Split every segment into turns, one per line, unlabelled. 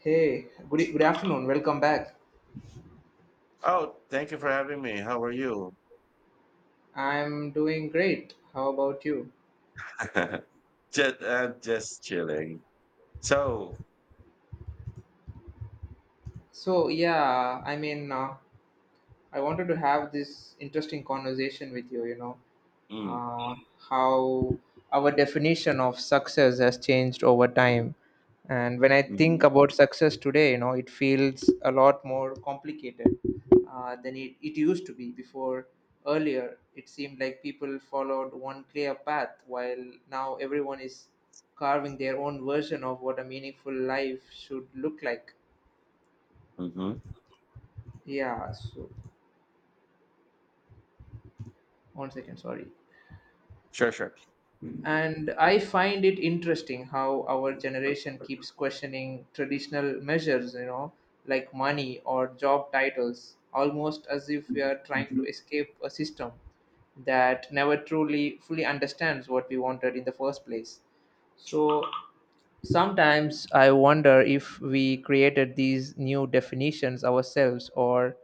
Hey, good, good afternoon. Welcome back.
Oh, thank you for having me. How are you?
I'm doing great. How about you?
Just chilling. So,
So, yeah, I mean, uh, I wanted to have this interesting conversation with you, you know.
mm,
Uh, how our definition of success has changed over time. And when I
mm,
think about success today, you know, it feels a lot more complicated than it used to be before. Earlier, it seemed like people followed one clear path, while now everyone is carving their own version of what a meaningful life should look like.
hmm
Yeah, so one second, sorry.
sure. Mm-hmm.
And I find it interesting how our generation keeps questioning traditional measures, you know, like money or job titles, almost as if we are trying to escape a system that never truly fully understands what we wanted in the first place. So sometimes I wonder if we created these new definitions ourselves or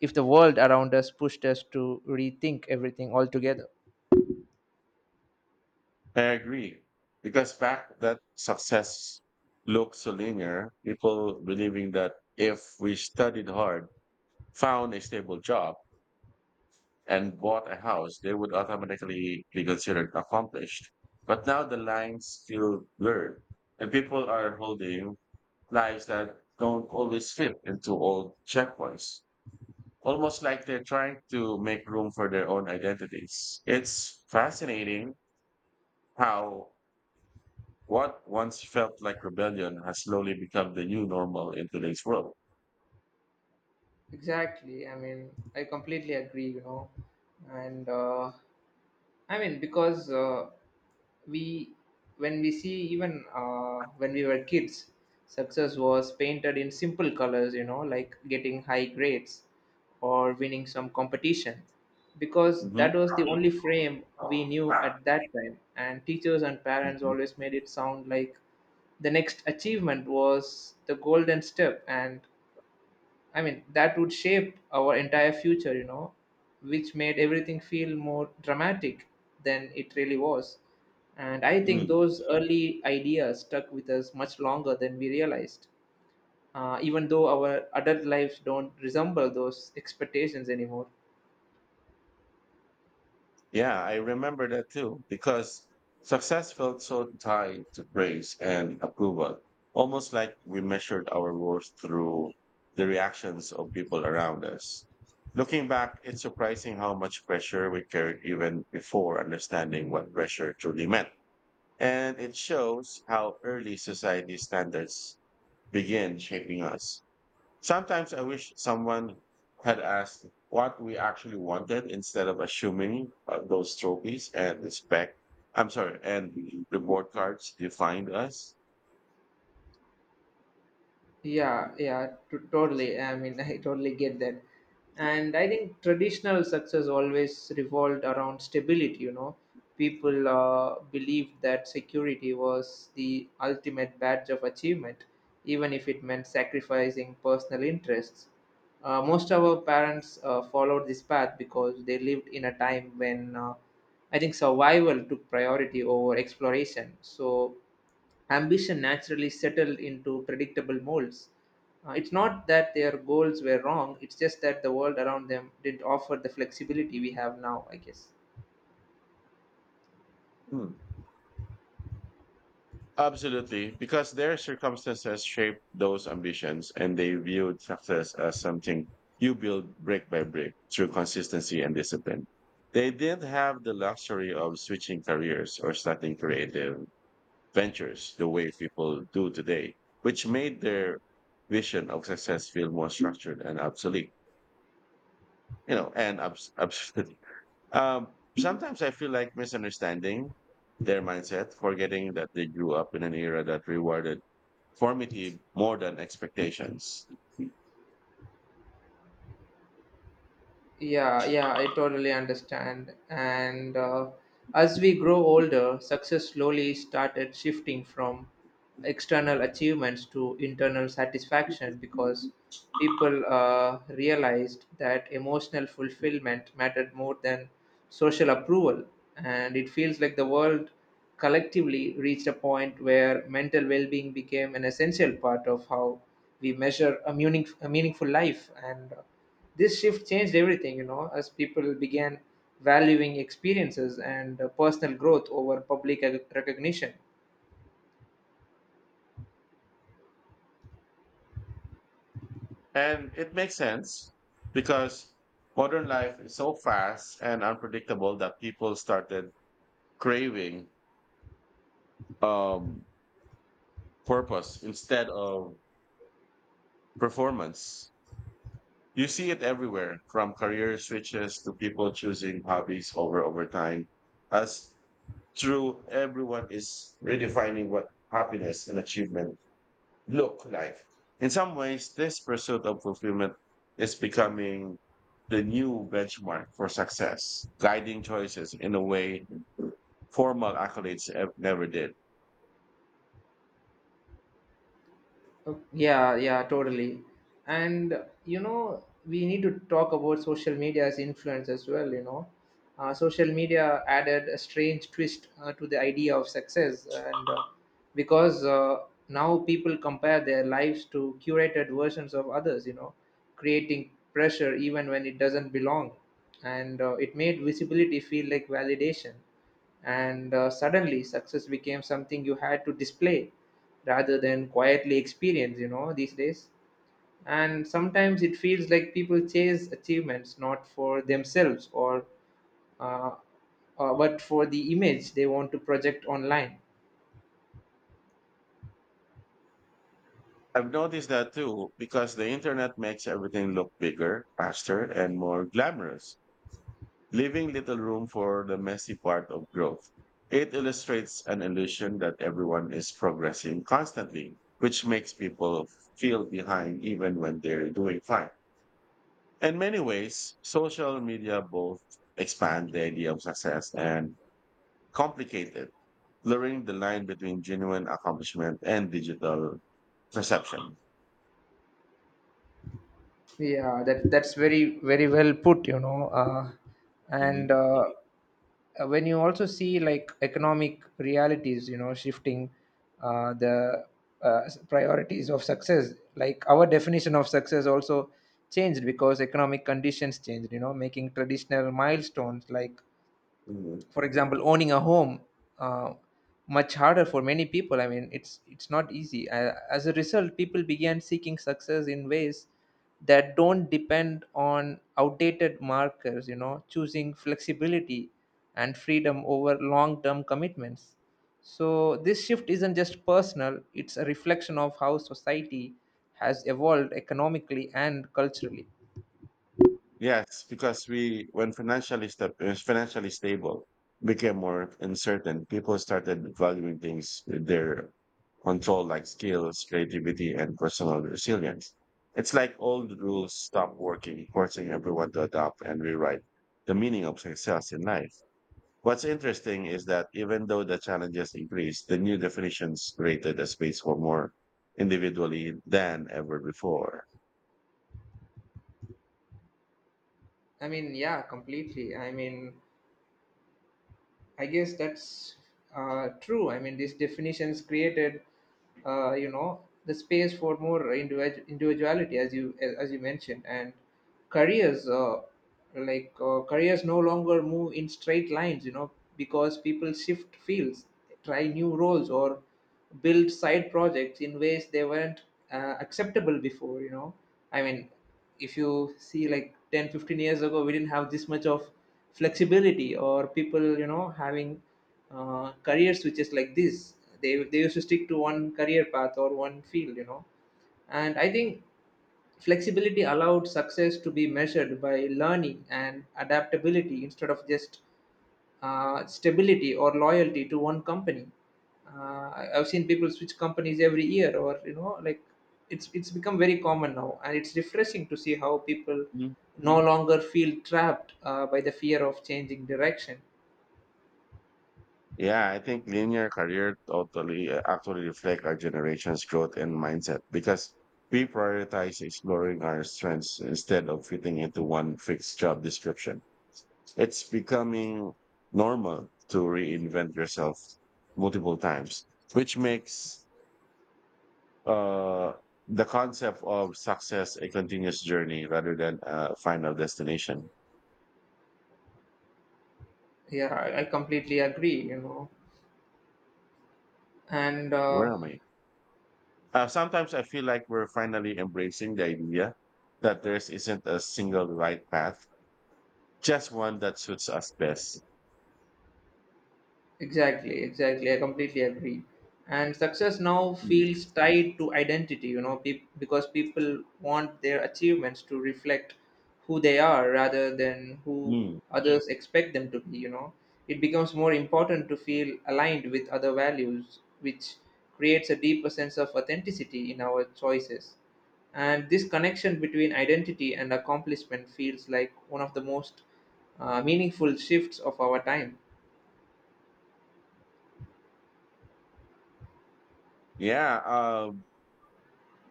if the world around us pushed us to rethink everything altogether.
I agree. Because back that success looked so linear, people believing that if we studied hard, found a stable job, and bought a house, they would automatically be considered accomplished. But now the lines feel blurred, and people are holding lives that don't always fit into old checkpoints, almost like they're trying to make room for their own identities. It's fascinating how what once felt like rebellion has slowly become the new normal in today's world.
Exactly. I mean, I completely agree, you know. And I mean, because we, when we see even When we were kids, success was painted in simple colors, you know, like getting high grades or winning some competition, because
hmm
that was the only frame we knew at that time. And teachers and parents always made it sound like the next achievement was the golden step and I mean, that would shape our entire future, you know, which made everything feel more dramatic than it really was. And I think
hmm
those early ideas stuck with us much longer than we realized, even though our adult lives don't resemble those expectations anymore.
Yeah, I remember that too, because success felt so tied to praise and approval, almost like we measured our worth through the reactions of people around us. Looking back, it's surprising how much pressure we carried even before understanding what pressure truly meant. And it shows how early society standards begin shaping us. Sometimes I wish someone had asked what we actually wanted instead of assuming those trophies and respect. I'm sorry, and reward cards defined us.
Yeah, yeah, totally. I mean, I totally get that. And I think traditional success always revolved around stability, you know. People believed that security was the ultimate badge of achievement, even if it meant sacrificing personal interests. Most of our parents followed this path because they lived in a time when I think survival took priority over exploration. So ambition naturally settled into predictable molds. It's not that their goals were wrong, it's just that the world around them didn't offer the flexibility we have now, I guess.
Hmm. Absolutely, because their circumstances shaped those ambitions and they viewed success as something you build brick by brick through consistency and discipline. They didn't have the luxury of switching careers or starting creative ventures the way people do today, which made their vision of success feel more structured and obsolete. You know, and obsolete. Sometimes I feel like misunderstanding their mindset, forgetting that they grew up in an era that rewarded formative more than expectations.
Yeah, yeah, I totally understand. And As we grow older, success slowly started shifting from external achievements to internal satisfaction because people realized that emotional fulfillment mattered more than social approval. And it feels like the world collectively reached a point where mental well being became an essential part of how we measure a meaningful life. And This shift changed everything, you know, as people began valuing experiences and personal growth over public recognition.
And it makes sense because modern life is so fast and unpredictable that people started craving um, purpose instead of performance. You see it everywhere, from career switches to people choosing hobbies over time. As true, everyone is redefining what happiness and achievement look like. In some ways, this pursuit of fulfillment is becoming the new benchmark for success, guiding choices in a way formal accolades never did.
Oh, yeah, yeah, totally. And you know, we need to talk about social media's influence as well. You know, social media added a strange twist to the idea of success, and because now people compare their lives to curated versions of others. You know, creating pressure even when it doesn't belong, and it made visibility feel like validation and suddenly success became something you had to display rather than quietly experience, you know, these days. And sometimes it feels like people chase achievements not for themselves or uh, but for the image they want to project online.
I've noticed that too, because the internet makes everything look bigger, faster, and more glamorous, leaving little room for the messy part of growth. It illustrates an illusion that everyone is progressing constantly, which makes people feel behind even when they're doing fine. In many ways, social media both expand the idea of success and complicate it, blurring the line between genuine accomplishment and digital perception.
Yeah, that's very well put, you know. And
Mhm.
When you also see like economic realities, you know, shifting uh, the priorities of success, like our definition of success also changed because economic conditions changed, you know, making traditional milestones like for example owning a home uh, much harder for many people. I mean, it's not easy. As a result, people began seeking success in ways that don't depend on outdated markers, you know, choosing flexibility and freedom over long term commitments. So this shift isn't just personal, it's a reflection of how society has evolved economically and culturally.
Yes, because we, when financially stable became more uncertain, people started valuing things with their control, like skills, creativity, and personal resilience. It's like old rules stop working, forcing everyone to adopt and rewrite the meaning of success in life. What's interesting is that even though the challenges increased, the new definitions created a space for more individually than ever before.
I mean, yeah, completely. I mean, I guess that's true. I mean, these definitions created, you know, the space for more individuality, as you mentioned, and careers, careers, no longer move in straight lines, you know, because people shift fields, try new roles, or build side projects in ways they weren't acceptable before. You know, I mean, if you see like 10, 15 years ago we didn't have this much of flexibility or people, you know, having career switches like this. They used to stick to one career path or one field, you know. And I think flexibility allowed success to be measured by learning and adaptability instead of just stability or loyalty to one company. Uh, I've seen people switch companies every year, or you know, like it's become very common now, and it's refreshing to see how people no longer feel trapped by the fear of changing direction.
Yeah, I think linear career totally actually reflect our generation's growth and mindset because we prioritize exploring our strengths instead of fitting into one fixed job description. It's becoming normal to reinvent yourself multiple times, which makes uh, the concept of success a continuous journey rather than a final destination.
Yeah, I completely agree. You know, and
Where am I? Sometimes I feel like we're finally embracing the idea that there isn't a single right path, just one that suits us best.
Exactly, exactly. I completely agree. And success now
Mm,
feels tied to identity, you know, peop because people want their achievements to reflect who they are rather than who
mm.
others expect them to be, you know. It becomes more important to feel aligned with other values, which creates a deeper sense of authenticity in our choices. And this connection between identity and accomplishment feels like one of the most meaningful shifts of our time.
Yeah,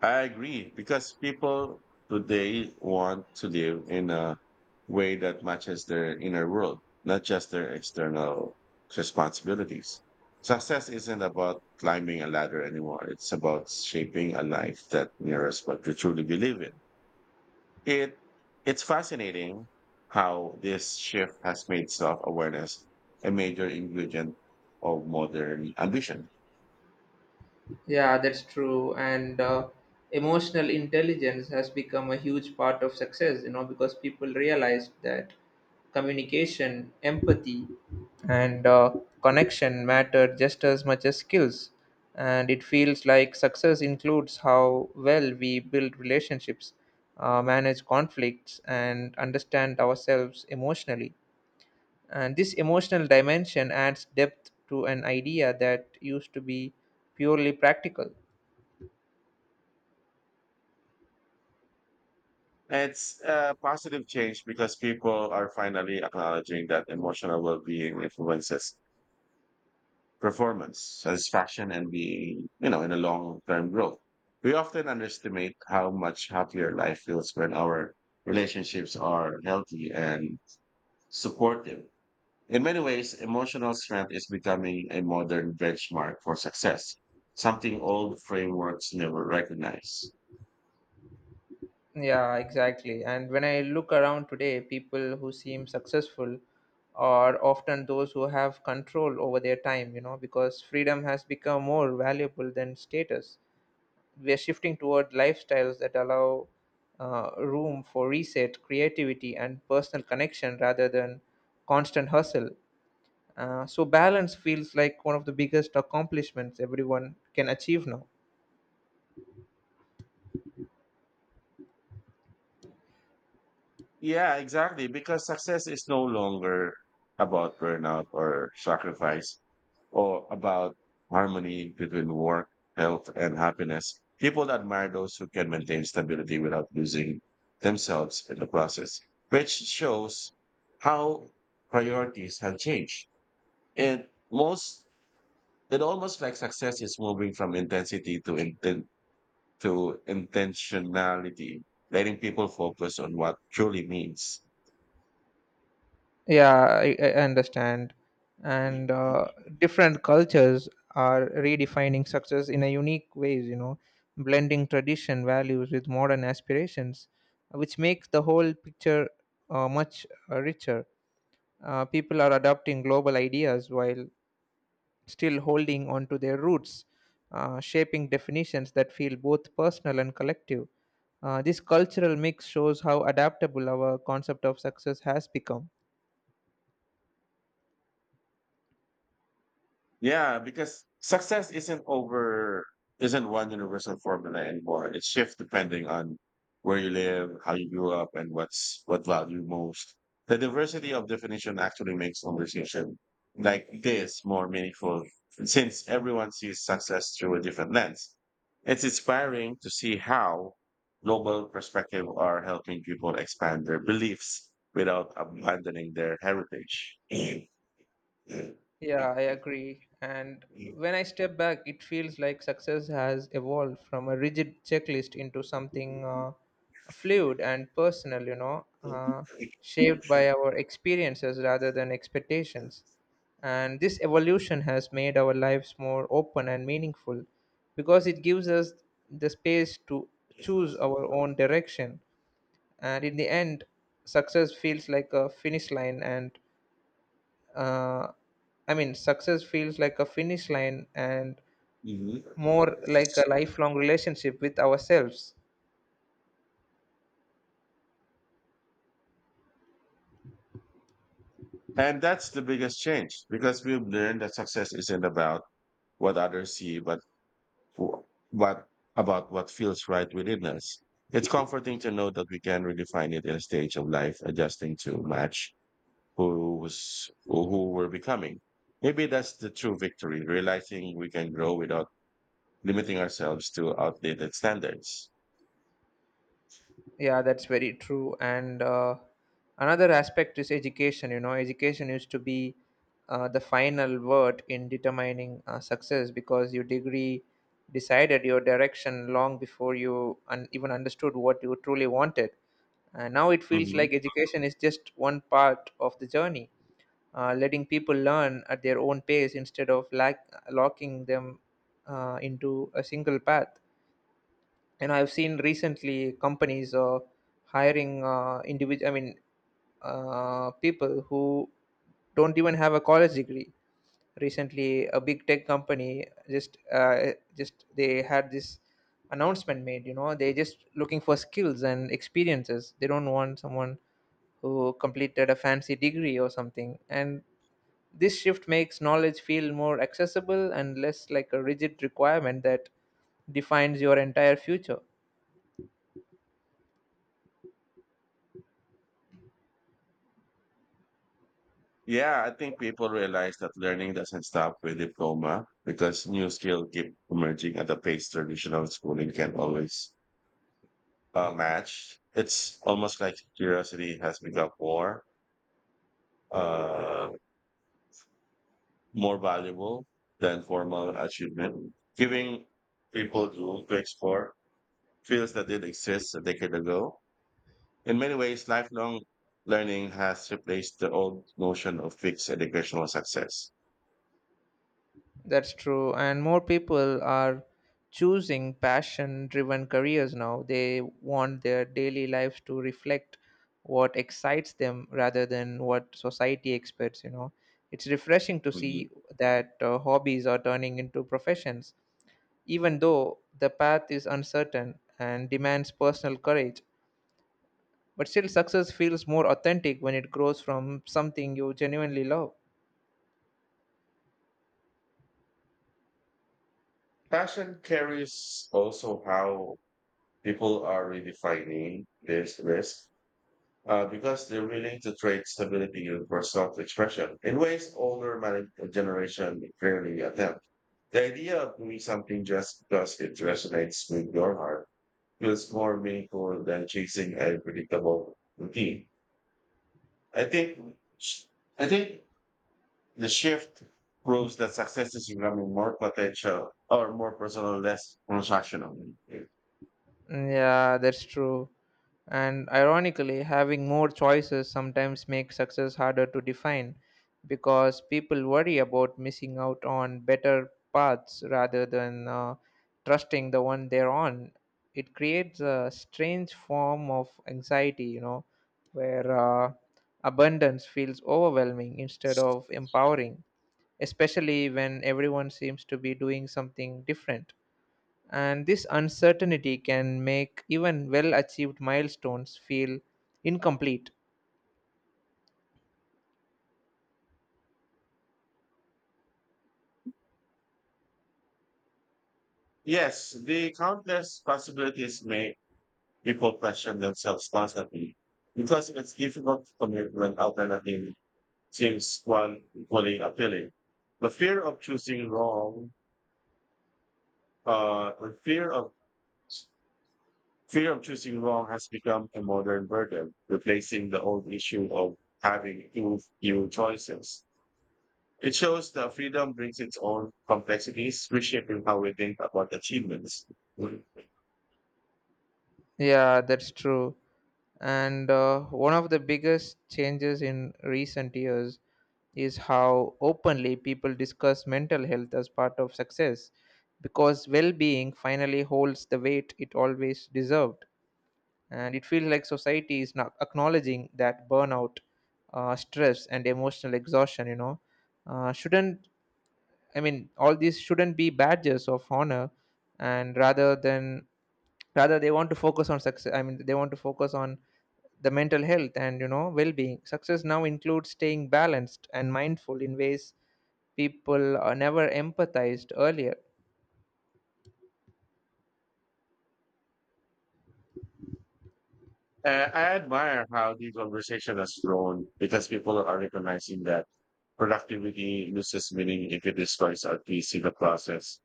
I agree because people today want to live in a way that matches their inner world, not just their external responsibilities. Success isn't about climbing a ladder anymore. It's about shaping a life that mirrors what you truly believe in. It it's fascinating how this shift has made self-awareness a major ingredient of modern ambition.
Yeah, that's true. And Emotional intelligence has become a huge part of success, you know, because people realize that communication, empathy, and connection matter just as much as skills. And it feels like success includes how well we build relationships, manage conflicts, and understand ourselves emotionally. And this emotional dimension adds depth to an idea that used to be purely practical.
It's a positive change because people are finally acknowledging that emotional well-being influences performance, satisfaction, and being, you know, in a long-term growth. We often underestimate how much happier life feels when our relationships are healthy and supportive. In many ways, emotional strength is becoming a modern benchmark for success, something old frameworks never recognize.
Yeah, exactly. And when I look around today, people who seem successful are often those who have control over their time, you know, because freedom has become more valuable than status. We are shifting toward lifestyles that allow room for reset, creativity, and personal connection rather than constant hustle. So, balance feels like one of the biggest accomplishments everyone can achieve now.
Yeah, exactly. Because success is no longer about burnout or sacrifice or about harmony between work, health, and happiness. People admire those who can maintain stability without losing themselves in the process, which shows how priorities have changed. And most it almost like success is moving from intensity to to intentionality, letting people focus on what truly means.
Yeah, I understand. And Different cultures are redefining success in a unique ways, you know, blending tradition values with modern aspirations, which makes the whole picture much richer. People are adopting global ideas while still holding on to their roots, shaping definitions that feel both personal and collective. This cultural mix shows how adaptable our concept of success has become.
Yeah, because success isn't over, isn't one universal formula anymore. It shifts depending on where you live, how you grew up, and what's what value most. The diversity of definition actually makes conversation like this more meaningful since everyone sees success through a different lens. It's inspiring to see how global perspective are helping people expand their beliefs without abandoning their heritage.
Yeah, I agree. And when I step back, it feels like success has evolved from a rigid checklist into something fluid and personal, you know, shaped by our experiences rather than expectations. And this evolution has made our lives more open and meaningful because it gives us the space to choose our own direction. And in the end, success feels like a finish line and uh, I mean, success feels like a finish line and
Mhm.
more like a lifelong relationship with ourselves.
And that's the biggest change because we've learned that success isn't about what others see, but wh- what about what feels right within us. It's comforting to know that we can redefine it in a stage of life, adjusting to match who was who we're becoming. Maybe that's the true victory, realizing we can grow without limiting ourselves to outdated standards.
Yeah, that's very true. And Another aspect is education. You know, education used to be the final word in determining success because your degree decided your direction long before you even understood what you truly wanted. And now it feels like education is just one part of the journey, letting people learn at their own pace instead of locking them into a single path. And I've seen recently companies hiring people who don't even have a college degree. Recently, a big tech company just they had this announcement made. You know, they're just looking for skills and experiences. They don't want someone who completed a fancy degree or something. And this shift makes knowledge feel more accessible and less like a rigid requirement that defines your entire future.
Yeah, I think people realize that learning doesn't stop with diploma because new skills keep emerging at a pace traditional schooling can always match. It's almost like curiosity has become uh, more valuable than formal achievement, giving people room to explore fields that did exist a decade ago. In many ways, lifelong learning has replaced the old notion of fixed educational success.
That's true. And more people are choosing passion driven careers now. They want their daily lives to reflect what excites them rather than what society expects, you know. It's refreshing to see that hobbies are turning into professions, even though the path is uncertain and demands personal courage. But still, success feels more authentic when it grows from something you genuinely love.
Fashion carries also how people are redefining this risk because they're willing to trade stability for self-expression in ways generation rarely attempt. The idea of doing something just because it resonates with your heart feels more meaningful than chasing a predictable routine. I think I think the shift proves that success is becoming more potential or more personal, less transactional.
Yeah, that's true. And ironically, having more choices sometimes makes success harder to define because people worry about missing out on better paths rather than trusting the one they're on. It creates a strange form of anxiety, you know, where abundance feels overwhelming instead of empowering, especially when everyone seems to be doing something different. And this uncertainty can make even well achieved milestones feel incomplete.
Yes, the countless possibilities make people question themselves constantly because it's difficult to commit when alternative seems one equally appealing. The fear of choosing wrong, the fear of choosing wrong has become a modern burden, replacing the old issue of having two few choices. It shows that freedom brings its own complexities, reshaping how we think about achievements.
Yeah, that's true. And One of the biggest changes in recent years is how openly people discuss mental health as part of success because well being finally holds the weight it always deserved. And it feels like society is not acknowledging that burnout, stress and emotional exhaustion shouldn't I mean all these shouldn't be badges of honor. And rather than Rather, they want to focus on success. They want to focus on the mental health and well-being. Success now includes staying balanced and mindful in ways people never empathized earlier.
I admire how the conversation has grown because people are recognizing that productivity loses meaning if it destroys our peace in the process.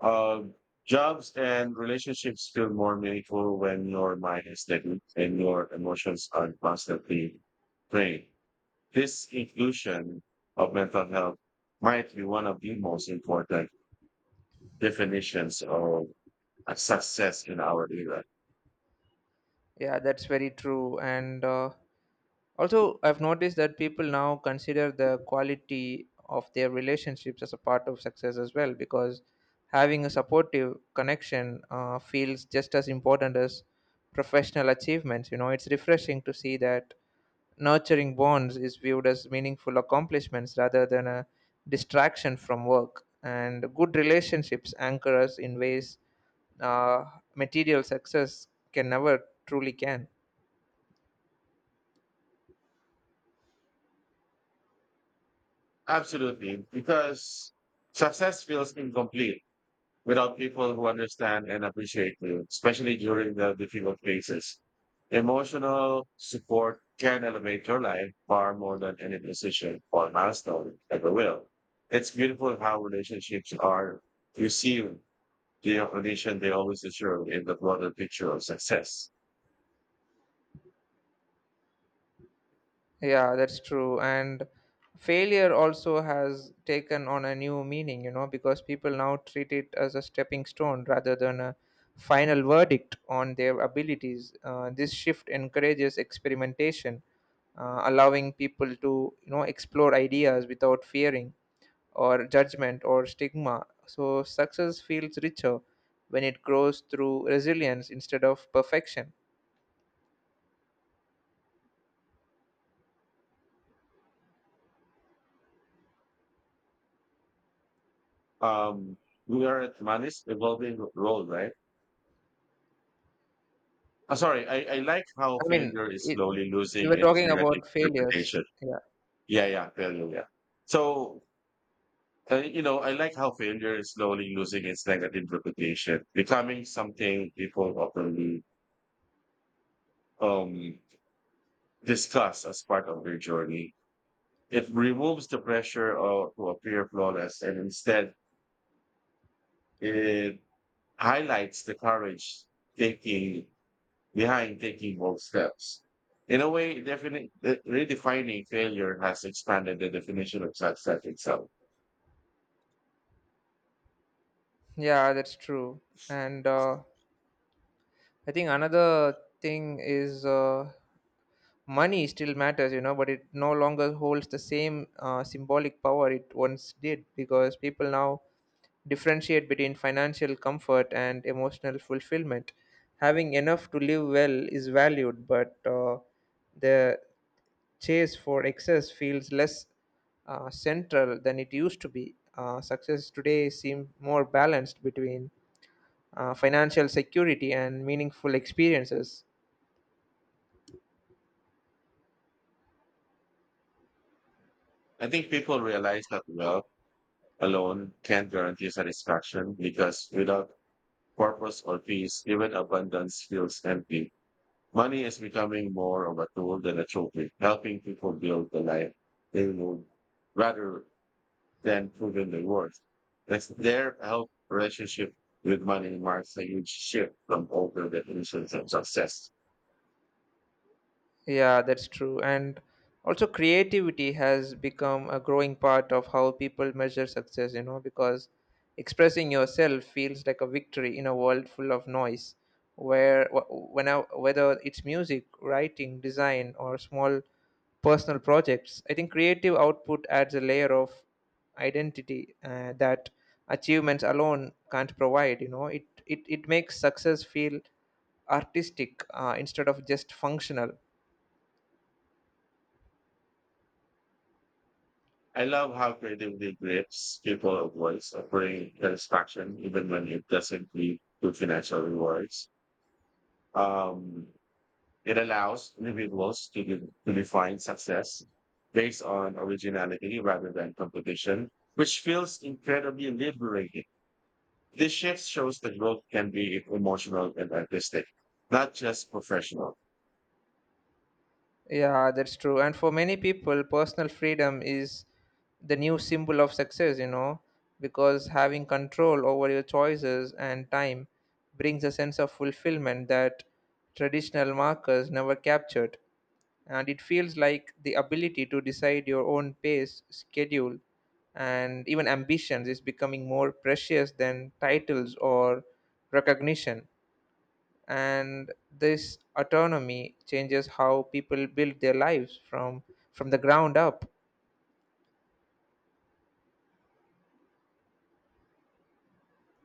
Um, Jobs and relationships feel more meaningful when your mind is steady and your emotions are constantly playing. This inclusion of mental health might be one of the most important definitions of a success in our era.
Yeah, that's very true. And also, I've noticed that people now consider the quality of their relationships as a part of success as well, because having a supportive connection feels just as important as professional achievements. You know, it's refreshing to see that nurturing bonds is viewed as meaningful accomplishments rather than a distraction from work. And good relationships anchor us in ways uh, material success can never truly can.
Absolutely, because success feels incomplete without people who understand and appreciate you, especially during the difficult phases. Emotional support can elevate your life far more than any decision or milestone ever will. It's beautiful how relationships are receive the recognition they always deserve in the broader picture of success.
Yeah, that's true. And failure also has taken on a new meaning, you know, because people now treat it as a stepping stone rather than a final verdict on their abilities. This shift encourages experimentation, allowing people to, you know, explore ideas without fearing or judgment or stigma. So success feels richer when it grows through resilience instead of perfection.
Um, we are at Manis evolving role, right? Oh, sorry, I like how
I mean,
failure is
it,
slowly
we
losing
were
its
talking
negative
about failures.
interpretation.
Yeah.
Yeah, yeah, failure, yeah. So you know, I like how failure is slowly losing its negative reputation, becoming something people openly um, discuss as part of their journey. It removes the pressure to appear flawless, and instead, it highlights the courage taking behind taking bold steps. In a way, redefining failure has expanded the definition of success itself.
Yeah, that's true. And I think another thing is, money still matters, you know, but it no longer holds the same symbolic power it once did, because people now differentiate between financial comfort and emotional fulfillment. Having enough to live well is valued, but the chase for excess feels less central than it used to be. Success today seems more balanced between financial security and meaningful experiences.
I think people realize that well alone can't guarantee satisfaction because without purpose or peace, even abundance feels empty. Money is becoming more of a tool than a trophy, helping people build the life they want rather than proving their worth. That's their health relationship with money marks a huge shift from older definitions of success.
Yeah, that's true. And also, creativity has become a growing part of how people measure success, you know, because expressing yourself feels like a victory in a world full of noise. Where, wh- when I, Whether it's music, writing, design, or small personal projects, I think creative output adds a layer of identity that achievements alone can't provide. You know, it makes success feel artistic instead of just functional.
I love how creativity grips people of voice, offering satisfaction even when it doesn't lead to financial rewards. Um, It allows individuals to, to define success based on originality rather than competition, which feels incredibly liberating. This shift shows that growth can be emotional and artistic, not just professional.
Yeah, that's true. And for many people, personal freedom is the new symbol of success, you know, because having control over your choices and time brings a sense of fulfillment that traditional markers never captured. And it feels like the ability to decide your own pace, schedule, and even ambitions is becoming more precious than titles or recognition, and this autonomy changes how people build their lives from the ground up.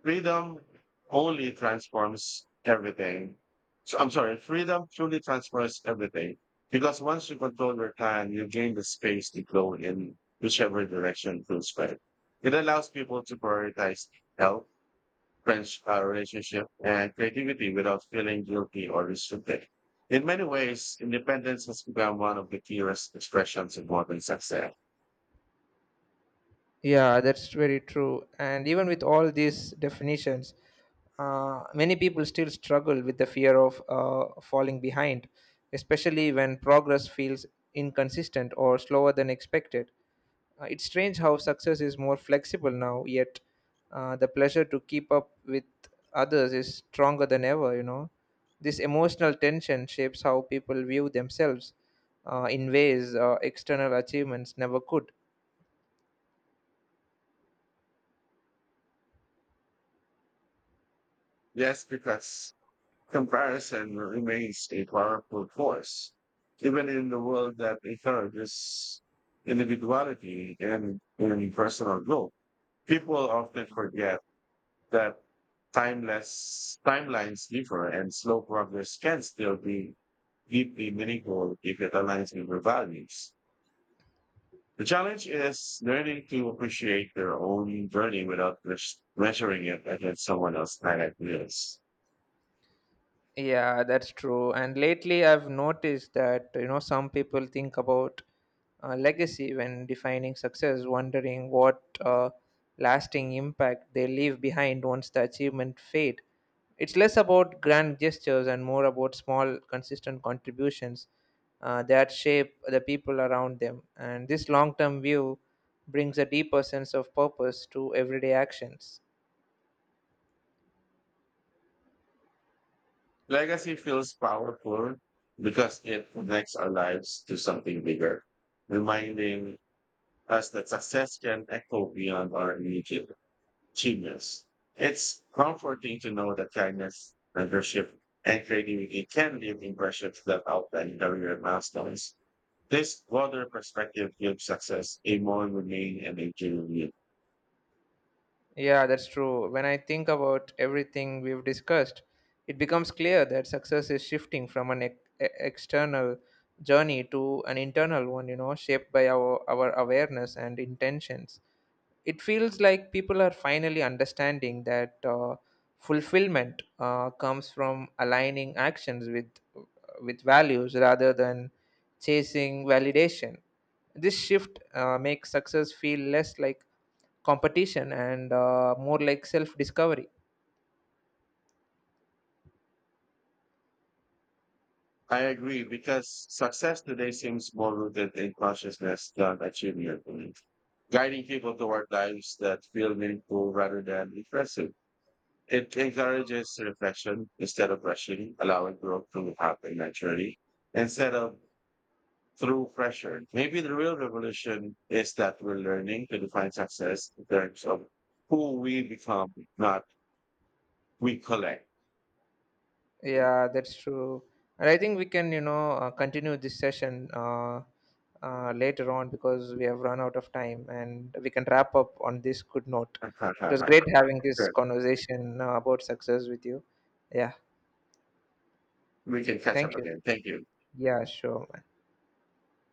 Freedom only transforms everything. So I'm sorry, freedom truly transforms everything because once you control your time, you gain the space to go in whichever direction feels better. It allows people to prioritize health friends, relationship, and creativity without feeling guilty or restricted. In many ways, independence has become one of the clearest expressions of modern success.
Yeah, that's very true. And even with all these definitions, many people still struggle with the fear of falling behind, especially when progress feels inconsistent or slower than expected. It's strange how success is more flexible now, yet the pleasure to keep up with others is stronger than ever, you know. This emotional tension shapes how people view themselves in ways external achievements never could.
Yes, because comparison remains a powerful force, even in the world that encourages individuality and personal growth. People often forget that timeless timelines differ and slow progress can still be deeply meaningful if it aligns with your values. The challenge is learning to appreciate their own journey without measuring it against someone else's highlight reels.
Yeah, that's true. And lately, I've noticed that, you know, some people think about legacy when defining success, wondering what lasting impact they leave behind once the achievement fade. It's less about grand gestures and more about small, consistent contributions that shape the people around them. And this long-term view brings a deeper sense of purpose to everyday actions.
Legacy feels powerful because it connects our lives to something bigger, reminding us that success can echo beyond our immediate genius. It's comforting to know that kindness, mentorship, and creativity can leave impressions that outline career milestones. This broader perspective gives success a more humane and a genuine.
Yeah, that's true. When I think about everything we've discussed, it becomes clear that success is shifting from an external journey to an internal one, you know, shaped by our awareness and intentions. It feels like people are finally understanding that fulfillment comes from aligning actions with values rather than chasing validation. This shift makes success feel less like competition and more like self discovery.
I agree because success today seems more rooted in consciousness than achievement, guiding people toward lives that feel meaningful rather than impressive. It encourages reflection instead of rushing, allowing growth to happen naturally instead of through pressure. Maybe the real revolution is that we're learning to define success in terms of who we become, not we collect.
Yeah, that's true. And I think we can, you know, continue this session later on, because we have run out of time and we can wrap up on this good note. It was great having this
Sure.
conversation about success with you. Yeah,
We can catch up
thank you.
again. Thank you.
Yeah, sure.